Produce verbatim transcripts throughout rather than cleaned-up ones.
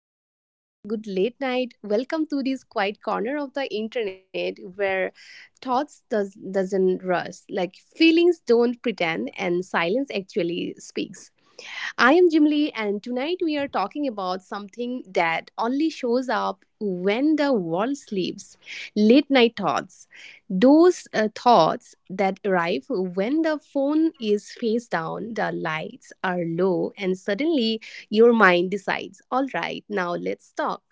or I should say good late night. Welcome to this quiet corner of the internet where thoughts does doesn't rush, like feelings don't pretend, and silence actually speaks. I am Jim Lee, and tonight we are talking about something that only shows up when the world sleeps late night thoughts. Those uh, thoughts that arrive when the phone is face down, the lights are low, and suddenly your mind decides, all right, now let's talk.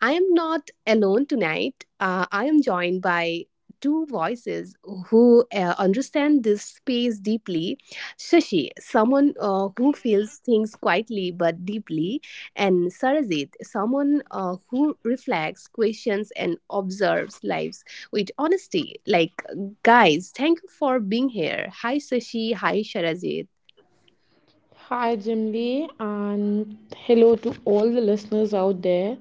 I am not alone tonight. Uh, I am joined by two voices who uh, understand this space deeply. Shashi, someone uh, who feels things quietly but deeply, and Sarajit, someone uh, who reflects, questions, and observes lives with honesty. Like, guys, thank you for being here. Hi, Shashi. Hi, Sarajit. Hi, Jimly, and hello to all the listeners out there.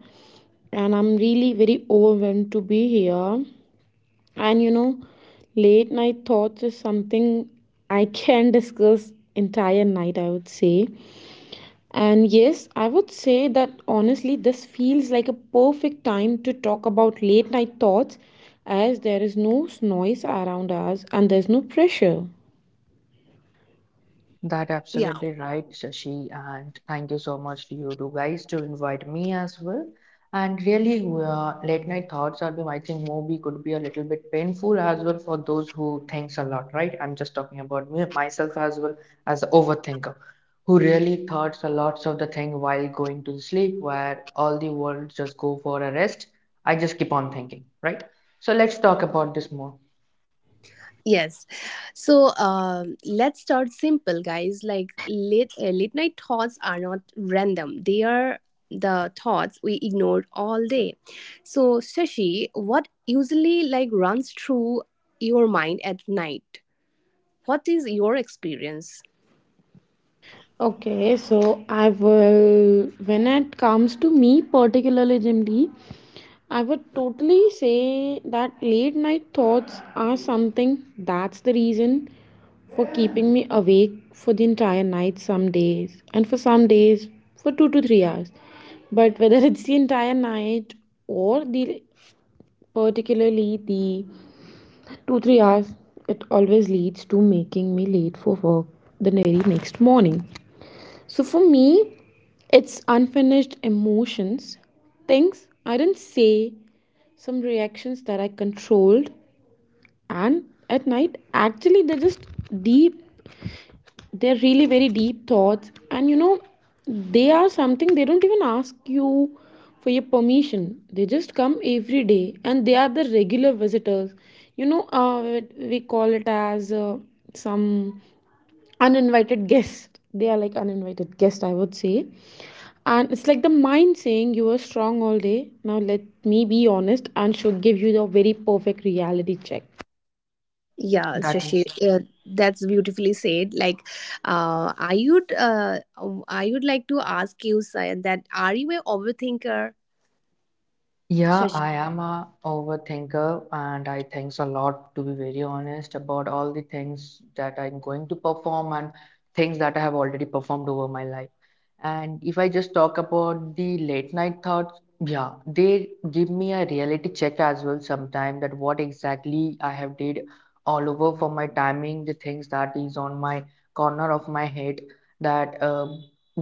And I'm really very overwhelmed to be here. And you know, late night thoughts is something I can discuss entire night, I would say. And yes, I would say that honestly, this feels like a perfect time to talk about late night thoughts as there is no noise around us and there's no pressure. That absolutely right, Shashi, and thank you so much to you two guys to invite me as well. And really, uh, late night thoughts are I think movie could be a little bit painful as well for those who thinks a lot, right? I'm just talking about me myself as well as an overthinker who really thoughts a lot of the thing while going to sleep, where all the world just go for a rest. I just keep on thinking, right? So let's talk about this more. Yes. So um, let's start simple, guys. Like late, uh, late night thoughts are not random, they are the thoughts we ignored all day. So, Shashi, what usually like runs through your mind at night? What is your experience? Okay, so I will, when it comes to me particularly, Jim D, I would totally say that late night thoughts are something that's the reason for keeping me awake for the entire night some days, and for some days for two to three hours. But whether it's the entire night or the particularly the two three hours, it always leads to making me late for work the very next morning. So for me, it's unfinished emotions, things I didn't say, some reactions that I controlled, and at night, actually, they're just deep, they're really very deep thoughts. And you know, they are something, they don't even ask you for your permission. They just come every day, and they are the regular visitors. You know, uh, we call it as uh, some uninvited guest. They are like uninvited guest, I would say. And it's like the mind saying you were strong all day, now let me be honest and should give you the very perfect reality check. Yeah, That Shashi, is. uh, that's beautifully said. Like, uh, I would, uh, I would like to ask you Sai, that are you a overthinker? Yeah, I am a overthinker and I thinks a lot to be very honest about all the things that I'm going to perform and things that I have already performed over my life. And if I just talk about the late night thoughts, yeah, they give me a reality check as well sometime that what exactly I have did all over for my timing, the things that is on my corner of my head that um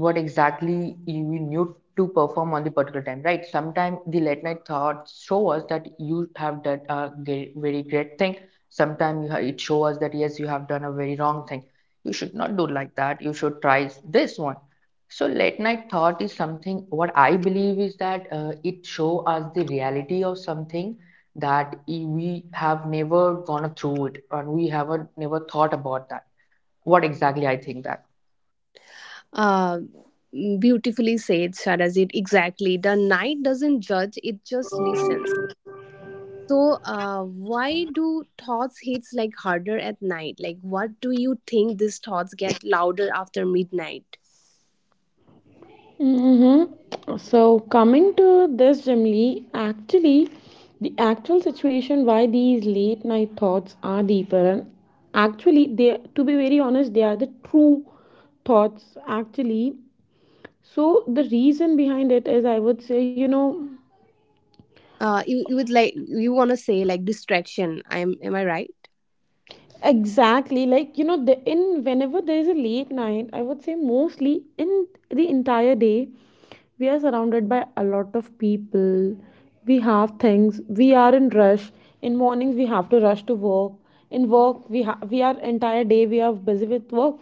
what exactly you need to perform on the particular time, right? Sometimes the late night thoughts show us that you have done a ge- very great thing. Sometimes it shows us that yes, you have done a very wrong thing. You should not do like that. You should try this one. So late night thought is something. What I believe is that uh, it show us the reality of something that i- we have never gone through it and we haven't never thought about that. What exactly I think that. Uh, Beautifully said, Sharajit. Exactly. The night doesn't judge, it just listens. So, uh, why do thoughts hits like harder at night? Like, what do you think these thoughts get louder after midnight? Mm-hmm. So coming to this, Jimli, actually, the actual situation why these late night thoughts are deeper, and actually, they, to be very honest, they are the true thoughts actually. So the reason behind it is, I would say, you know, Uh, you, you would like you want to say like distraction. I am am I right? exactly, like you know, the in whenever there is a late night, I would say mostly in the entire day, we are surrounded by a lot of people. We have things. We are in rush. In mornings, we have to rush to work. In work, we ha- we are entire day we are busy with work,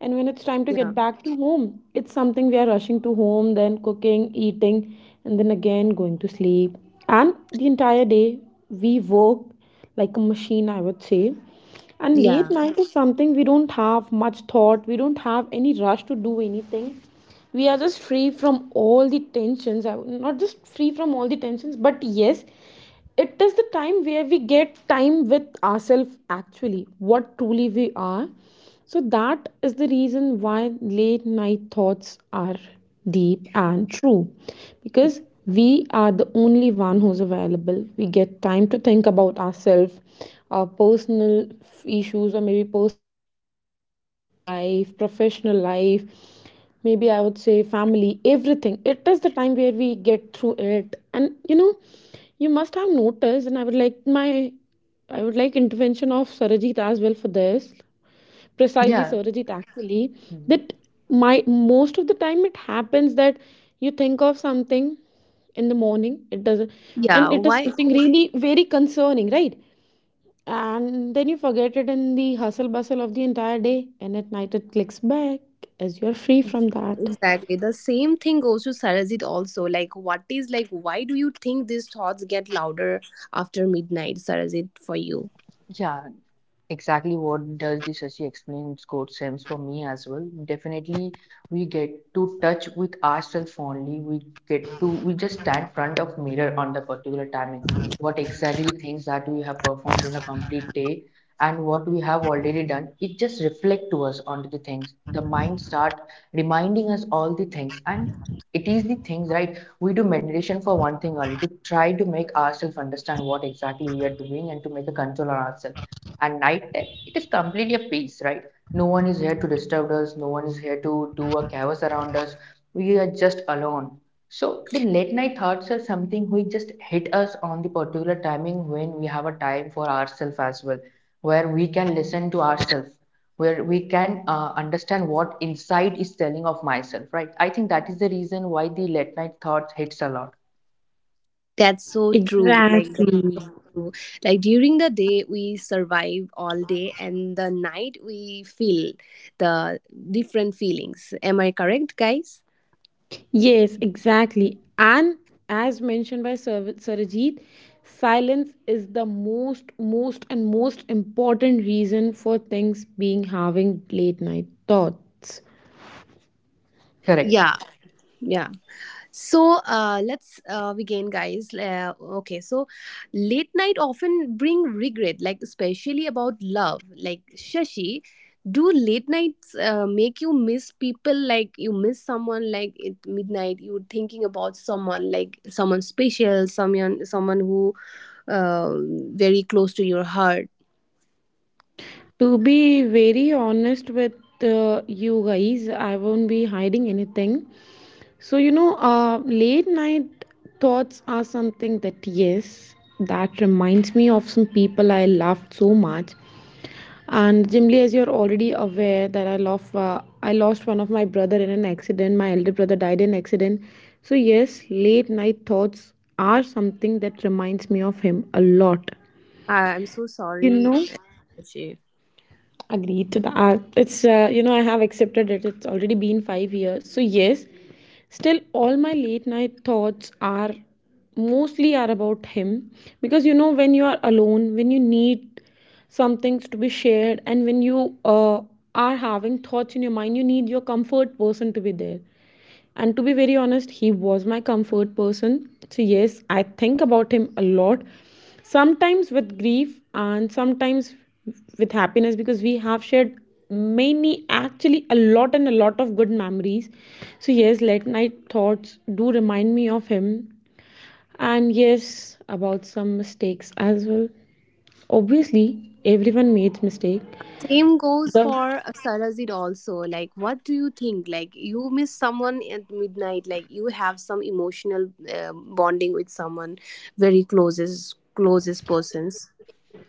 and when it's time to Yeah, get back to home, it's something we are rushing to home, then cooking, eating, and then again going to sleep. And the entire day we work like a machine, I would say, and late yeah, night is something we don't have much thought, we don't have any rush to do anything. We are just free from all the tensions I- not just free from all the tensions, but yes, it is the time where we get time with ourselves, actually what truly we are. So that is the reason why late night thoughts are deep and true, because we are the only one who's available. We get time to think about ourselves, our personal issues, or maybe personal life, professional life, maybe I would say family, everything. It is the time where we get through it. And you know, you must have noticed, and I would like my, I would like intervention of Sarajit as well for this, precisely Yeah. Surajit actually, Mhm. that my most of the time it happens that you think of something in the morning it doesn't, yeah. and it is Why something really very concerning, right? And then you forget it in the hustle bustle of the entire day, and at night it clicks back as you're free from that. exactly. The same thing goes to Sarajit also. Like, what is like, why do you think these thoughts get louder after midnight, Sarajit, for you? Yeah, exactly what does the Shashi explain got sense for me as well. Definitely we get to touch with ourselves only. We get to we just stand front of mirror on the particular timing. What exactly things that we have performed in a complete day and what we have already done, it just reflect to us on the things. The mind start reminding us all the things, and it is the things right, we do meditation for one thing only to try to make ourselves understand what exactly we are doing and to make a control on ourselves. And night time, it is completely a peace, right? No one is here to disturb us, no one is here to do a chaos around us. We are just alone. So the late night thoughts are something which just hit us on the particular timing when we have a time for ourselves as well, where we can listen to ourselves, where we can uh, understand what inside is telling of myself, right? I think that is the reason why the late night thoughts hits a lot. That's so true. Like, Exactly. that's true. Like during the day we survive all day, and the night we feel the different feelings. Am I correct, guys? Yes, exactly. And as mentioned by Sar- Sarojit, silence is the most, most, and most important reason for things being having late night thoughts. Correct. Yeah, yeah. So uh, let's uh, begin, guys. Uh, okay, so late night often bring regret, like especially about love. Like Shashi, do late nights uh, make you miss people? Like you miss someone, like at midnight, you're thinking about someone, like someone special, someone someone who uh, very close to your heart. To be very honest with uh, you guys, I won't be hiding anything. So, you know, uh, late night thoughts are something that, yes, that reminds me of some people I loved so much. And generally, as you're already aware, that I lost, uh, I lost one of my brother in an accident. My elder brother died in an accident. So yes, late night thoughts are something that reminds me of him a lot. I, I'm so You sorry, know. Shashi. Agreed to that. It's, uh, you know, I have accepted it. It's already been five years. So, yes, still all my late night thoughts are mostly are about him, because you know when you are alone, when you need some things to be shared, and when you uh, are having thoughts in your mind, you need your comfort person to be there. And to be very honest, he was my comfort person. So, yes, I think about him a lot, sometimes with grief and sometimes with happiness, because we have shared many, actually, a lot and a lot of good memories. So, yes, late night thoughts do remind me of him. And yes, about some mistakes as well. Obviously, everyone makes mistake. Same goes The. for uh, Sarajit also. Like, what do you think? Like, you miss someone at midnight. Like, you have some emotional uh, bonding with someone very closest closest persons.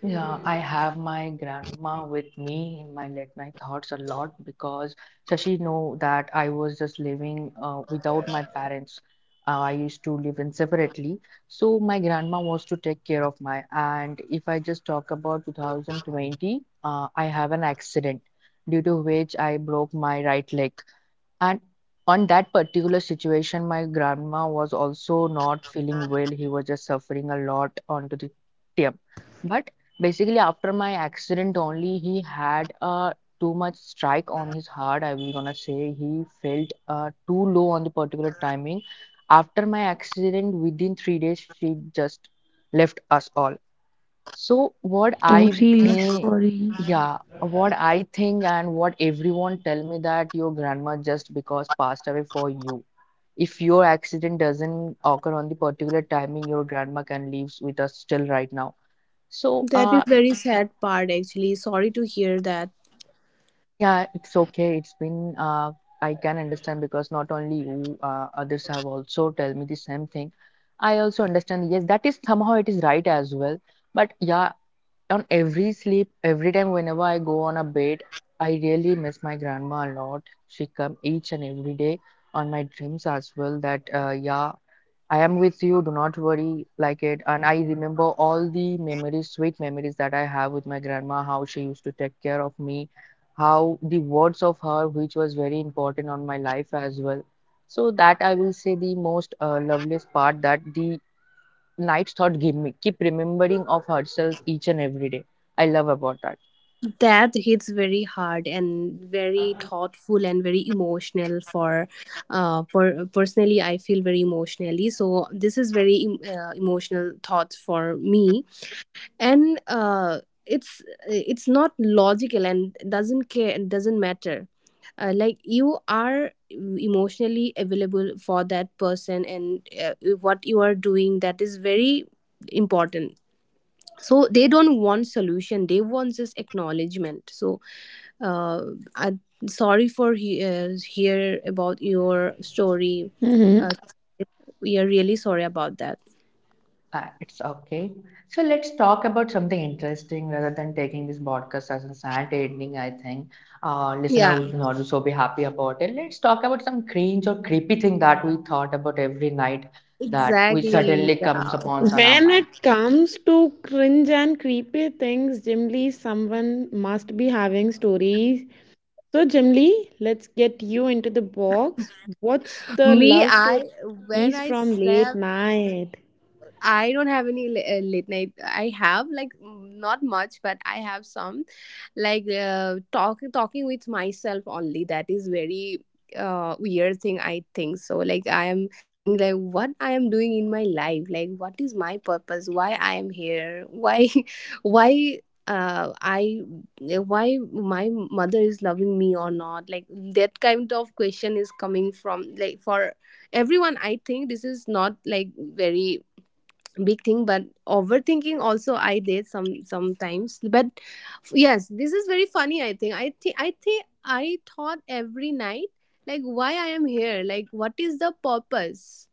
Yeah, I have my grandma with me in my late night thoughts a lot because so she know that I was just living uh, without my parents. Uh, I used to live in separately, so my grandma was to take care of my. And if I just talk about two thousand twenty, uh, I have an accident due to which I broke my right leg. And on that particular situation, my grandma was also not feeling well. He was just suffering a lot onto the tip. But basically, after my accident only, he had a too much strike on his heart. I was gonna say he felt uh, too low on the particular timing. After my accident, within three days, she just left us all. So what Oh, I really think, sorry. yeah, what I think and what everyone tell me that your grandma just because passed away for you. If your accident doesn't occur on the particular timing, your grandma can live with us still right now. So That is uh very sad part actually. Sorry to hear that. yeah, it's okay. It's been uh I can understand because not only you, uh, others have also tell me the same thing. I also understand, yes, that is somehow it is right as well. But yeah, on every sleep every time whenever I go on a bed, I really miss my grandma a lot. She come each and every day on my dreams as well that uh, yeah, I am with you, do not worry like it. And I remember all the memories, sweet memories that I have with my grandma, how she used to take care of me, how the words of her which was very important on my life as well. So that I will say the most uh, loveliest part, that the night thought give me keep remembering of herself each and every day. I love about that. That hits very hard and very thoughtful and very emotional for uh for personally I feel very emotionally. So this is very em- uh, emotional thoughts for me and uh, it's it's not logical and doesn't care and doesn't matter, uh, like you are emotionally available for that person, and uh, what you are doing, that is very important. So they don't want solution, they want just acknowledgement. So uh, I'm sorry for he- uh, hear about your Hmm. story. uh, we are really sorry about that. Uh, it's okay. So let's talk about something interesting rather than taking this podcast as a sad ending. I think uh, listener Yeah, would not so be happy about it. Let's talk about some cringe or creepy thing that we thought about every night that we exactly, suddenly comes yeah. upon on our When mind. it comes to cringe and creepy things, generally someone must be having stories. So, generally, let's get you into the box. What's the Me, love story I when is I from late slept, night? I don't have any la- uh, late night. I have like mm, not much, but I have some like uh, talking talking with myself only. That is very uh, weird thing I think. So like I am think like what I am doing in my life, like what is my purpose, why I am here, why why uh I why my mother is loving me or not. Like that kind of question is coming from like for everyone. I think this is not like very big thing, but overthinking also I did some sometimes. But f- yes, this is very funny. I think i think i think I thought every night, like why I am here, like what is the purpose,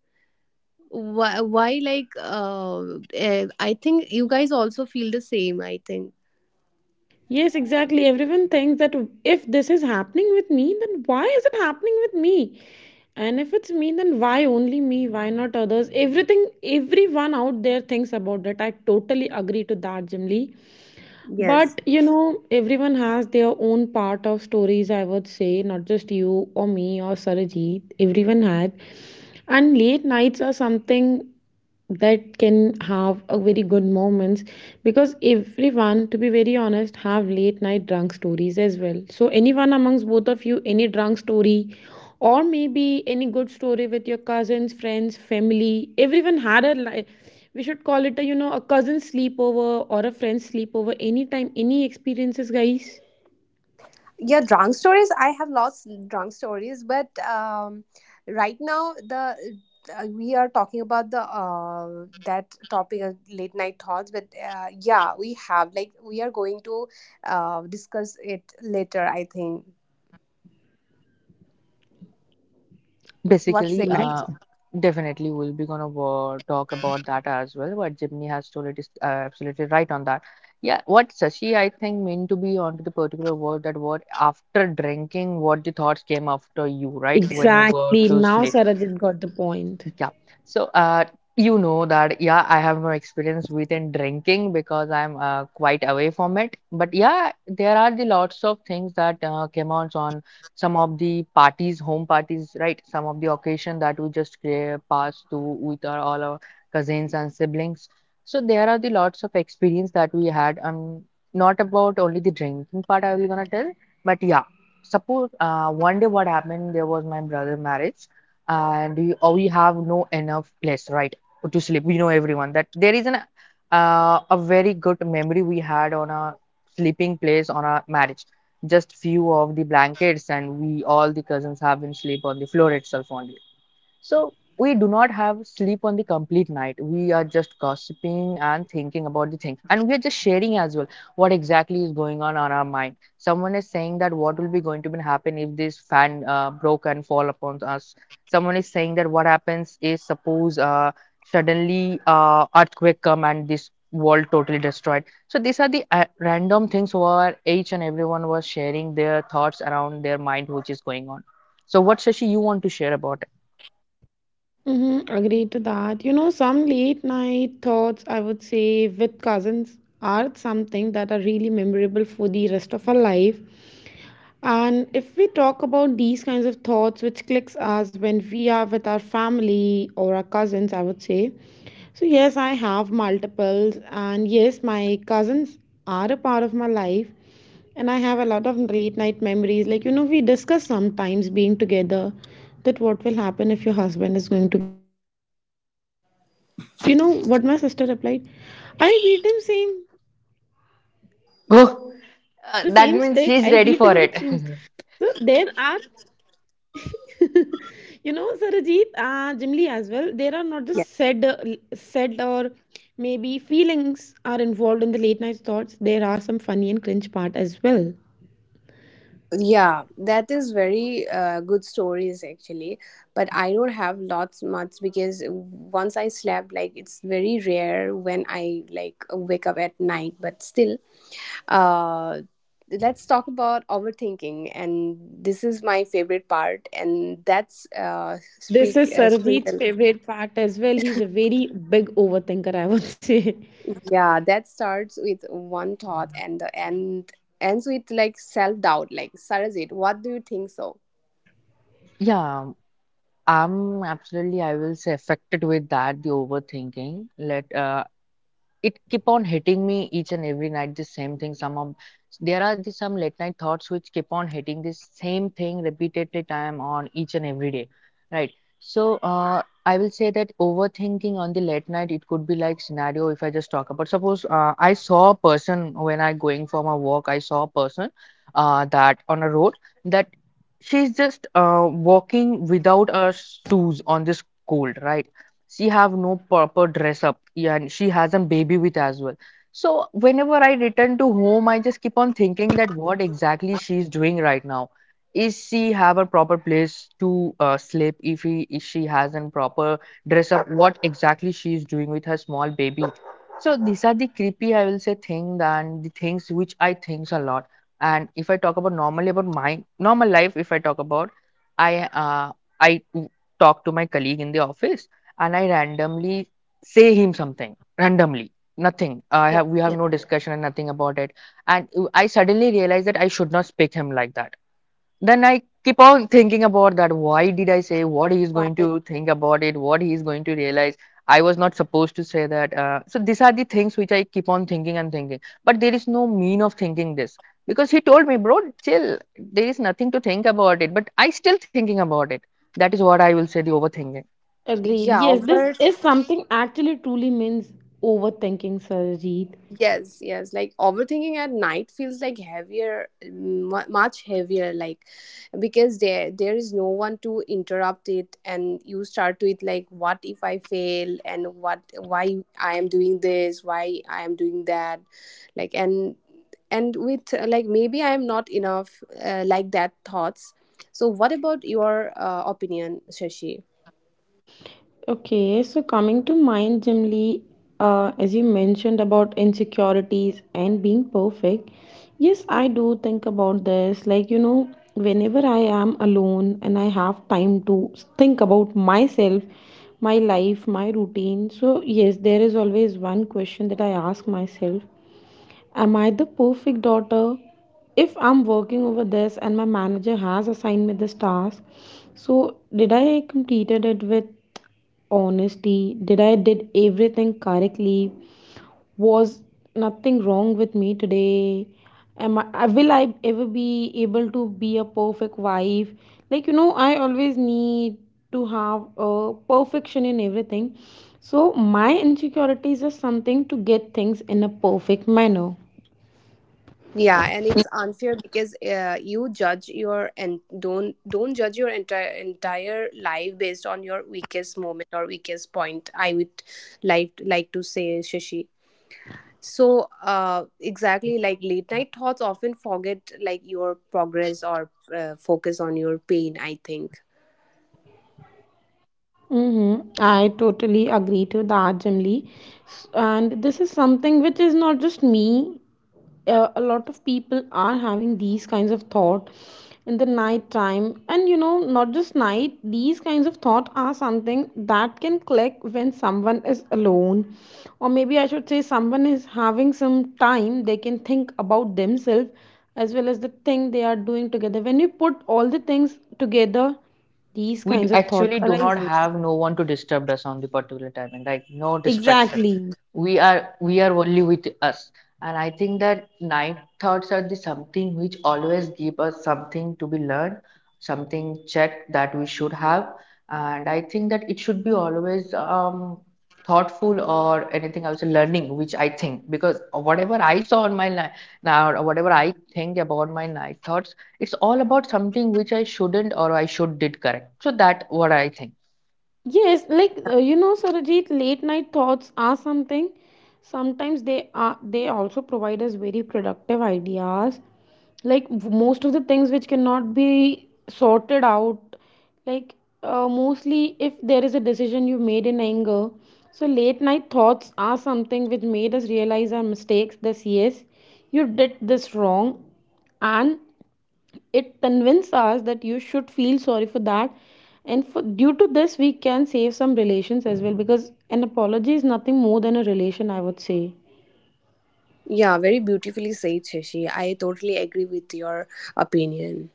why, why like uh, eh, I think you guys also feel the same, I think. Yes, exactly. Everyone thinks that if this is happening with me, then why is it happening with me? And if it's me, then why only me? Why not others? Everything, everyone out there thinks about that. I totally agree to that, Jimly. Yes, But you know, everyone has their own part of stories, I would say, not just you or me or Sarajit. Everyone had. And late nights are something that can have a very good moments, because everyone, to be very honest, have late night drunk stories as well. So anyone amongst both of you, any drunk story, or maybe any good story with your cousins, friends, family? Everyone had a life. We should call it a, you know, a cousin sleepover or a friend sleepover. Anytime, any experiences, guys? yeah, drunk stories, I have lots drunk stories, but um, right now the, uh, we are talking about the uh, that topic of late night thoughts. But uh, yeah, we have like we are going to uh, discuss it later, I think. What's it Basically, like? Okay. uh, definitely we'll be gonna wa- talk about that as well. What Jimmy has told it is uh, absolutely right on that. Yeah, what Sashi I think meant to be onto the particular word that what after drinking, what the thoughts came after you, right? When you go Exactly, to now sleep. Sarajit got the point. Yeah. So, uh, you know that, yeah, I have no experience within drinking because I'm uh, quite away from it. But yeah, there are the lots of things that uh, came out on some of the parties, home parties, right? Some of the occasion that we just uh, pass to with our, all our cousins and siblings. So there are the lots of experience that we had. Um, not about only the drinking part I will gonna tell, but yeah, suppose uh, one day what happened, there was my brother marriage and we, or we have no enough place right to sleep, we know everyone that there is an uh, a very good memory we had on a sleeping place on a marriage, just few of the blankets and we all the cousins have been sleep on the floor itself only. So we do not have sleep on the complete night. We are just gossiping and thinking about the thing. And we are just sharing as well what exactly is going on on our mind. Someone is saying that what will be going to be happen if this fan uh, broke and fall upon us. Someone is saying that what happens is suppose uh, suddenly uh, earthquake come and this world totally destroyed. So these are the uh, random things where each and everyone was sharing their thoughts around their mind which is going on. So what Shashi you want to share about? Mm-hmm. Agree to that. You know, some late night thoughts, I would say, with cousins are something that are really memorable for the rest of our life. And if we talk about these kinds of thoughts which clicks us when we are with our family or our cousins, I would say. So yes, I have multiples, and yes, my cousins are a part of my life, and I have a lot of late night memories. Like, you know, we discuss sometimes being together that what will happen if your husband is going to beat you. So, you know what my sister replied? I'll beat him same. I'll be beating him with the same Oh, stick. I'll uh, beat that him with means shoes. she's ready for So it. there are, you know, Sarajit, uh, Jimli as well. There are not just said, uh, Yeah, said, or maybe feelings are involved in the late night thoughts. There are some funny and cringe part as well. yeah, that is very uh, good stories actually. But I don't have lots much, because once I slept, like it's very rare when I like wake up at night, but still. Uh, let's talk about overthinking, and this is my favorite part, and that's uh, This speak is uh, Sarjeet's sprinkle. favorite part as well. He's a very big overthinker, I would say. Yeah, that starts with one thought and the end ends with like self doubt. Like Sarajit, what do you think? So Yeah, I'm absolutely, I will say affected with that, the overthinking. Let uh, it keep on hitting me each and every night the same thing, some of there are the, some late night thoughts which keep on hitting this same thing repeatedly time on each and every day, right? So uh, I will say that overthinking on the late night it could be like scenario. If I just talk about suppose uh, I saw a person when I going for my walk, I saw a person uh, that on a road that she's just uh, walking without her shoes on this cold, right? She have no proper dress up, yeah, and she has a baby with as well. So whenever I return to home, I just keep on thinking that what exactly she's doing right now. Is she have a proper place to uh, sleep? If, he, if she has a proper dress up, what exactly she is doing with her small baby? So these are the creepy I will say thing, and the things which I thinks a lot. And if I talk about normally about my normal life, if I talk about i uh, I talk to my colleague in the office and I randomly say him something randomly. Nothing. I yeah, have we have yeah. no discussion and nothing about it. And I suddenly realize that I should not speak him like that. Then I keep on thinking about that. Why did I say, what he is going Why? to think about it? What he is going to realize? I was not supposed to say that. Uh, so these are the things which I keep on thinking and thinking. But there is no mean of thinking this because he told me, bro, chill. There is nothing to think about it. But I still thinking about it. That is what I will say. The overthinking. Agreed. Yeah, Yes, this over is something actually truly means overthinking, Sarjeet. yes, yes. Like overthinking at night feels like heavier, mm, mu much heavier. Like because there there is no one to interrupt it, and you start with like, what if I fail, and what why I am doing this, why I am doing that, like and and with uh, like maybe I am not enough, uh, like that thoughts. So what about your uh, opinion, Shashi? Okay, so coming to mind, Jimli, uh, as you mentioned about insecurities and being perfect, yes, I do think about this. Like, you know, whenever I am alone and I have time to think about myself, my life, my routine, so yes, there is always one question that I ask myself. Am I the perfect daughter? If I'm working over this and my manager has assigned me this task, so did I completed it with honesty? Did I did everything correctly? Was nothing wrong with me today? Am I, will I ever be able to be a perfect wife? Like you know, I always need to have a perfection in everything. So my insecurities are something to get things in a perfect manner. Yeah, and it's unfair because uh, you judge your and don't don't judge your entire entire life based on your weakest moment or weakest point, I would like like to say, Shashi. So uh, exactly, like late night thoughts often forget like your progress or uh, focus on your pain, I think. Mm-hmm. I totally agree to that, Jimly. S- And this is something which is not just me. Uh, a lot of people are having these kinds of thought in the night time. And you know, not just night, these kinds of thought are something that can click when someone is alone. Or maybe I should say someone is having some time, they can think about themselves as well as the thing they are doing together. When we put all the things together, these we d- kinds of thought actually do not arises. have no one to disturb us on the particular timing, like no distraction. Exactly. We are we are only with us. And I think that night thoughts are the something which always give us something to be learned, something checked that we should have. And I think that it should be always um thoughtful or anything I was learning which I think, because whatever I saw on my night now or whatever I think about my night thoughts, it's all about something which I shouldn't or I should did correct. So that what I think. Yes, like uh, you know, Sarajit, late night thoughts are something. Sometimes they are, they also provide us very productive ideas. Like w- most of the things which cannot be sorted out, like uh, mostly if there is a decision you made in anger. So late night thoughts are something which made us realize our mistakes. This, yes, you did this wrong, and it convinces us that you should feel sorry for that. And for, due to this, we can save some relations as well, because an apology is nothing more than a relation, I would say. Yeah, very beautifully said, Shashi. I totally agree with your opinion.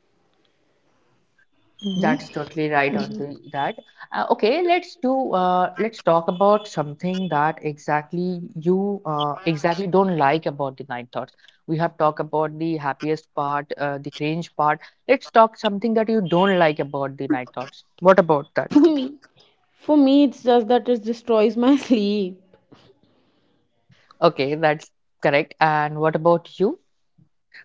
Hmm. That's totally right onto that. Uh, okay, let's do. Uh, let's talk about something that exactly you uh, exactly don't like about the night thoughts. We have talked about the happiest part, uh, the cringe part. Let's talk something that you don't like about the night thoughts. What about that? For me, it's just that it destroys my sleep. Okay, that's correct. And what about you?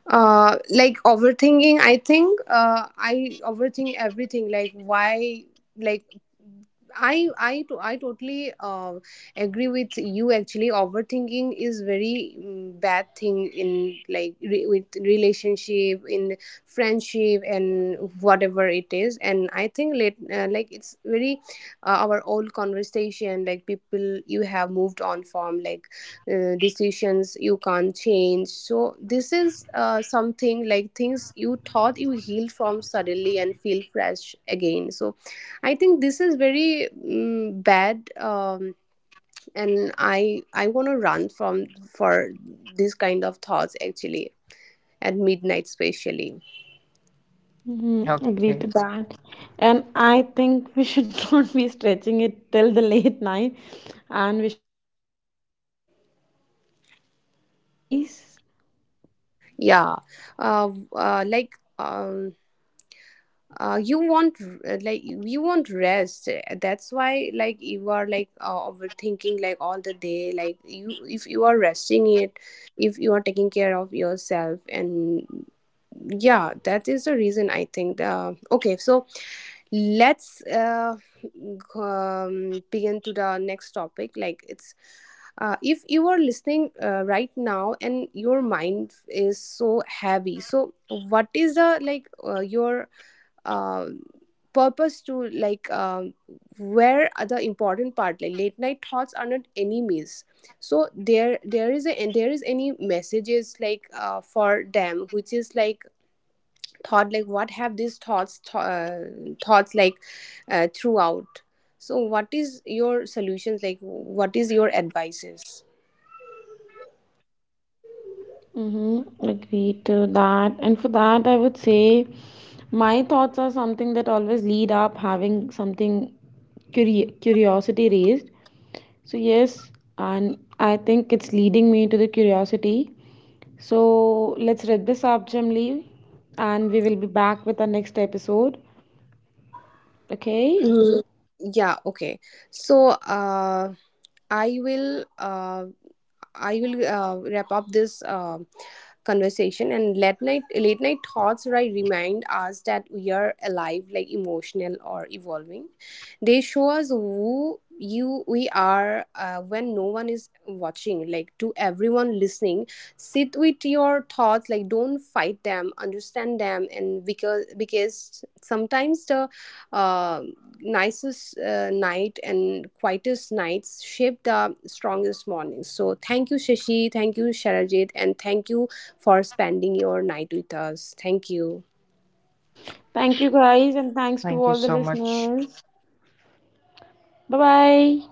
uh Like overthinking, I think uh i overthink everything, like why, like i i to i totally uh, agree with you. Actually overthinking is very mm, bad thing in like re- with relationship, in friendship and whatever it is. And I think let uh, like it's very uh, our old conversation, like people you have moved on from, like uh, decisions you can't change. So this is uh, something like things you thought you healed from suddenly and feel fresh again. So I think this is very mm bad. Um, and i i want to run from for this kind of thoughts actually, at midnight especially. Hmm, agree Okay, to that. And I think we should not be stretching it till the late night, and we should get it wrapped up. What are your thoughts, guys? Yeah, uh, uh, like Um. uh, you want r- like you want rest. That's why like you are like uh, overthinking like all the day, like you, if you are resting it, if you are taking care of yourself and yeah, that is the reason, I think. Uh, okay, so let's uh, um, begin to the next topic. Like it's uh, if you are listening uh, right now and your mind is so heavy, so what is the like uh, your um, purpose to like um, where are the important part. Like late night thoughts are not enemies. So there there is a and there is any messages like uh, for them, which is like thought, like what have these thoughts th- uh, thoughts like uh, throughout. So what is your solutions, like what is your advices? Mm-hmm, agree to that. And for that, I would say my thoughts are something that always lead up having something curi- curiosity raised. So, yes, and I think it's leading me to the curiosity. So, let's wrap this up, Jamli, and we will be back with our next episode. Okay? Mm, yeah, okay, so uh, i will uh, I will uh, wrap up this uh, conversation. And late night late night thoughts, right, remind us that we are alive, like emotional or evolving. They show us who you we are uh, when no one is watching. Like to everyone listening, sit with your thoughts, like don't fight them, understand them. And because because sometimes the uh, nicest uh, night and quietest nights shape the strongest mornings. So thank you Shashi, thank you Sharajit, and thank you for spending your night with us. Thank you. Thank you, guys, and thanks thank to you all the so much. listeners. Bye bye.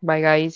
Bye, guys.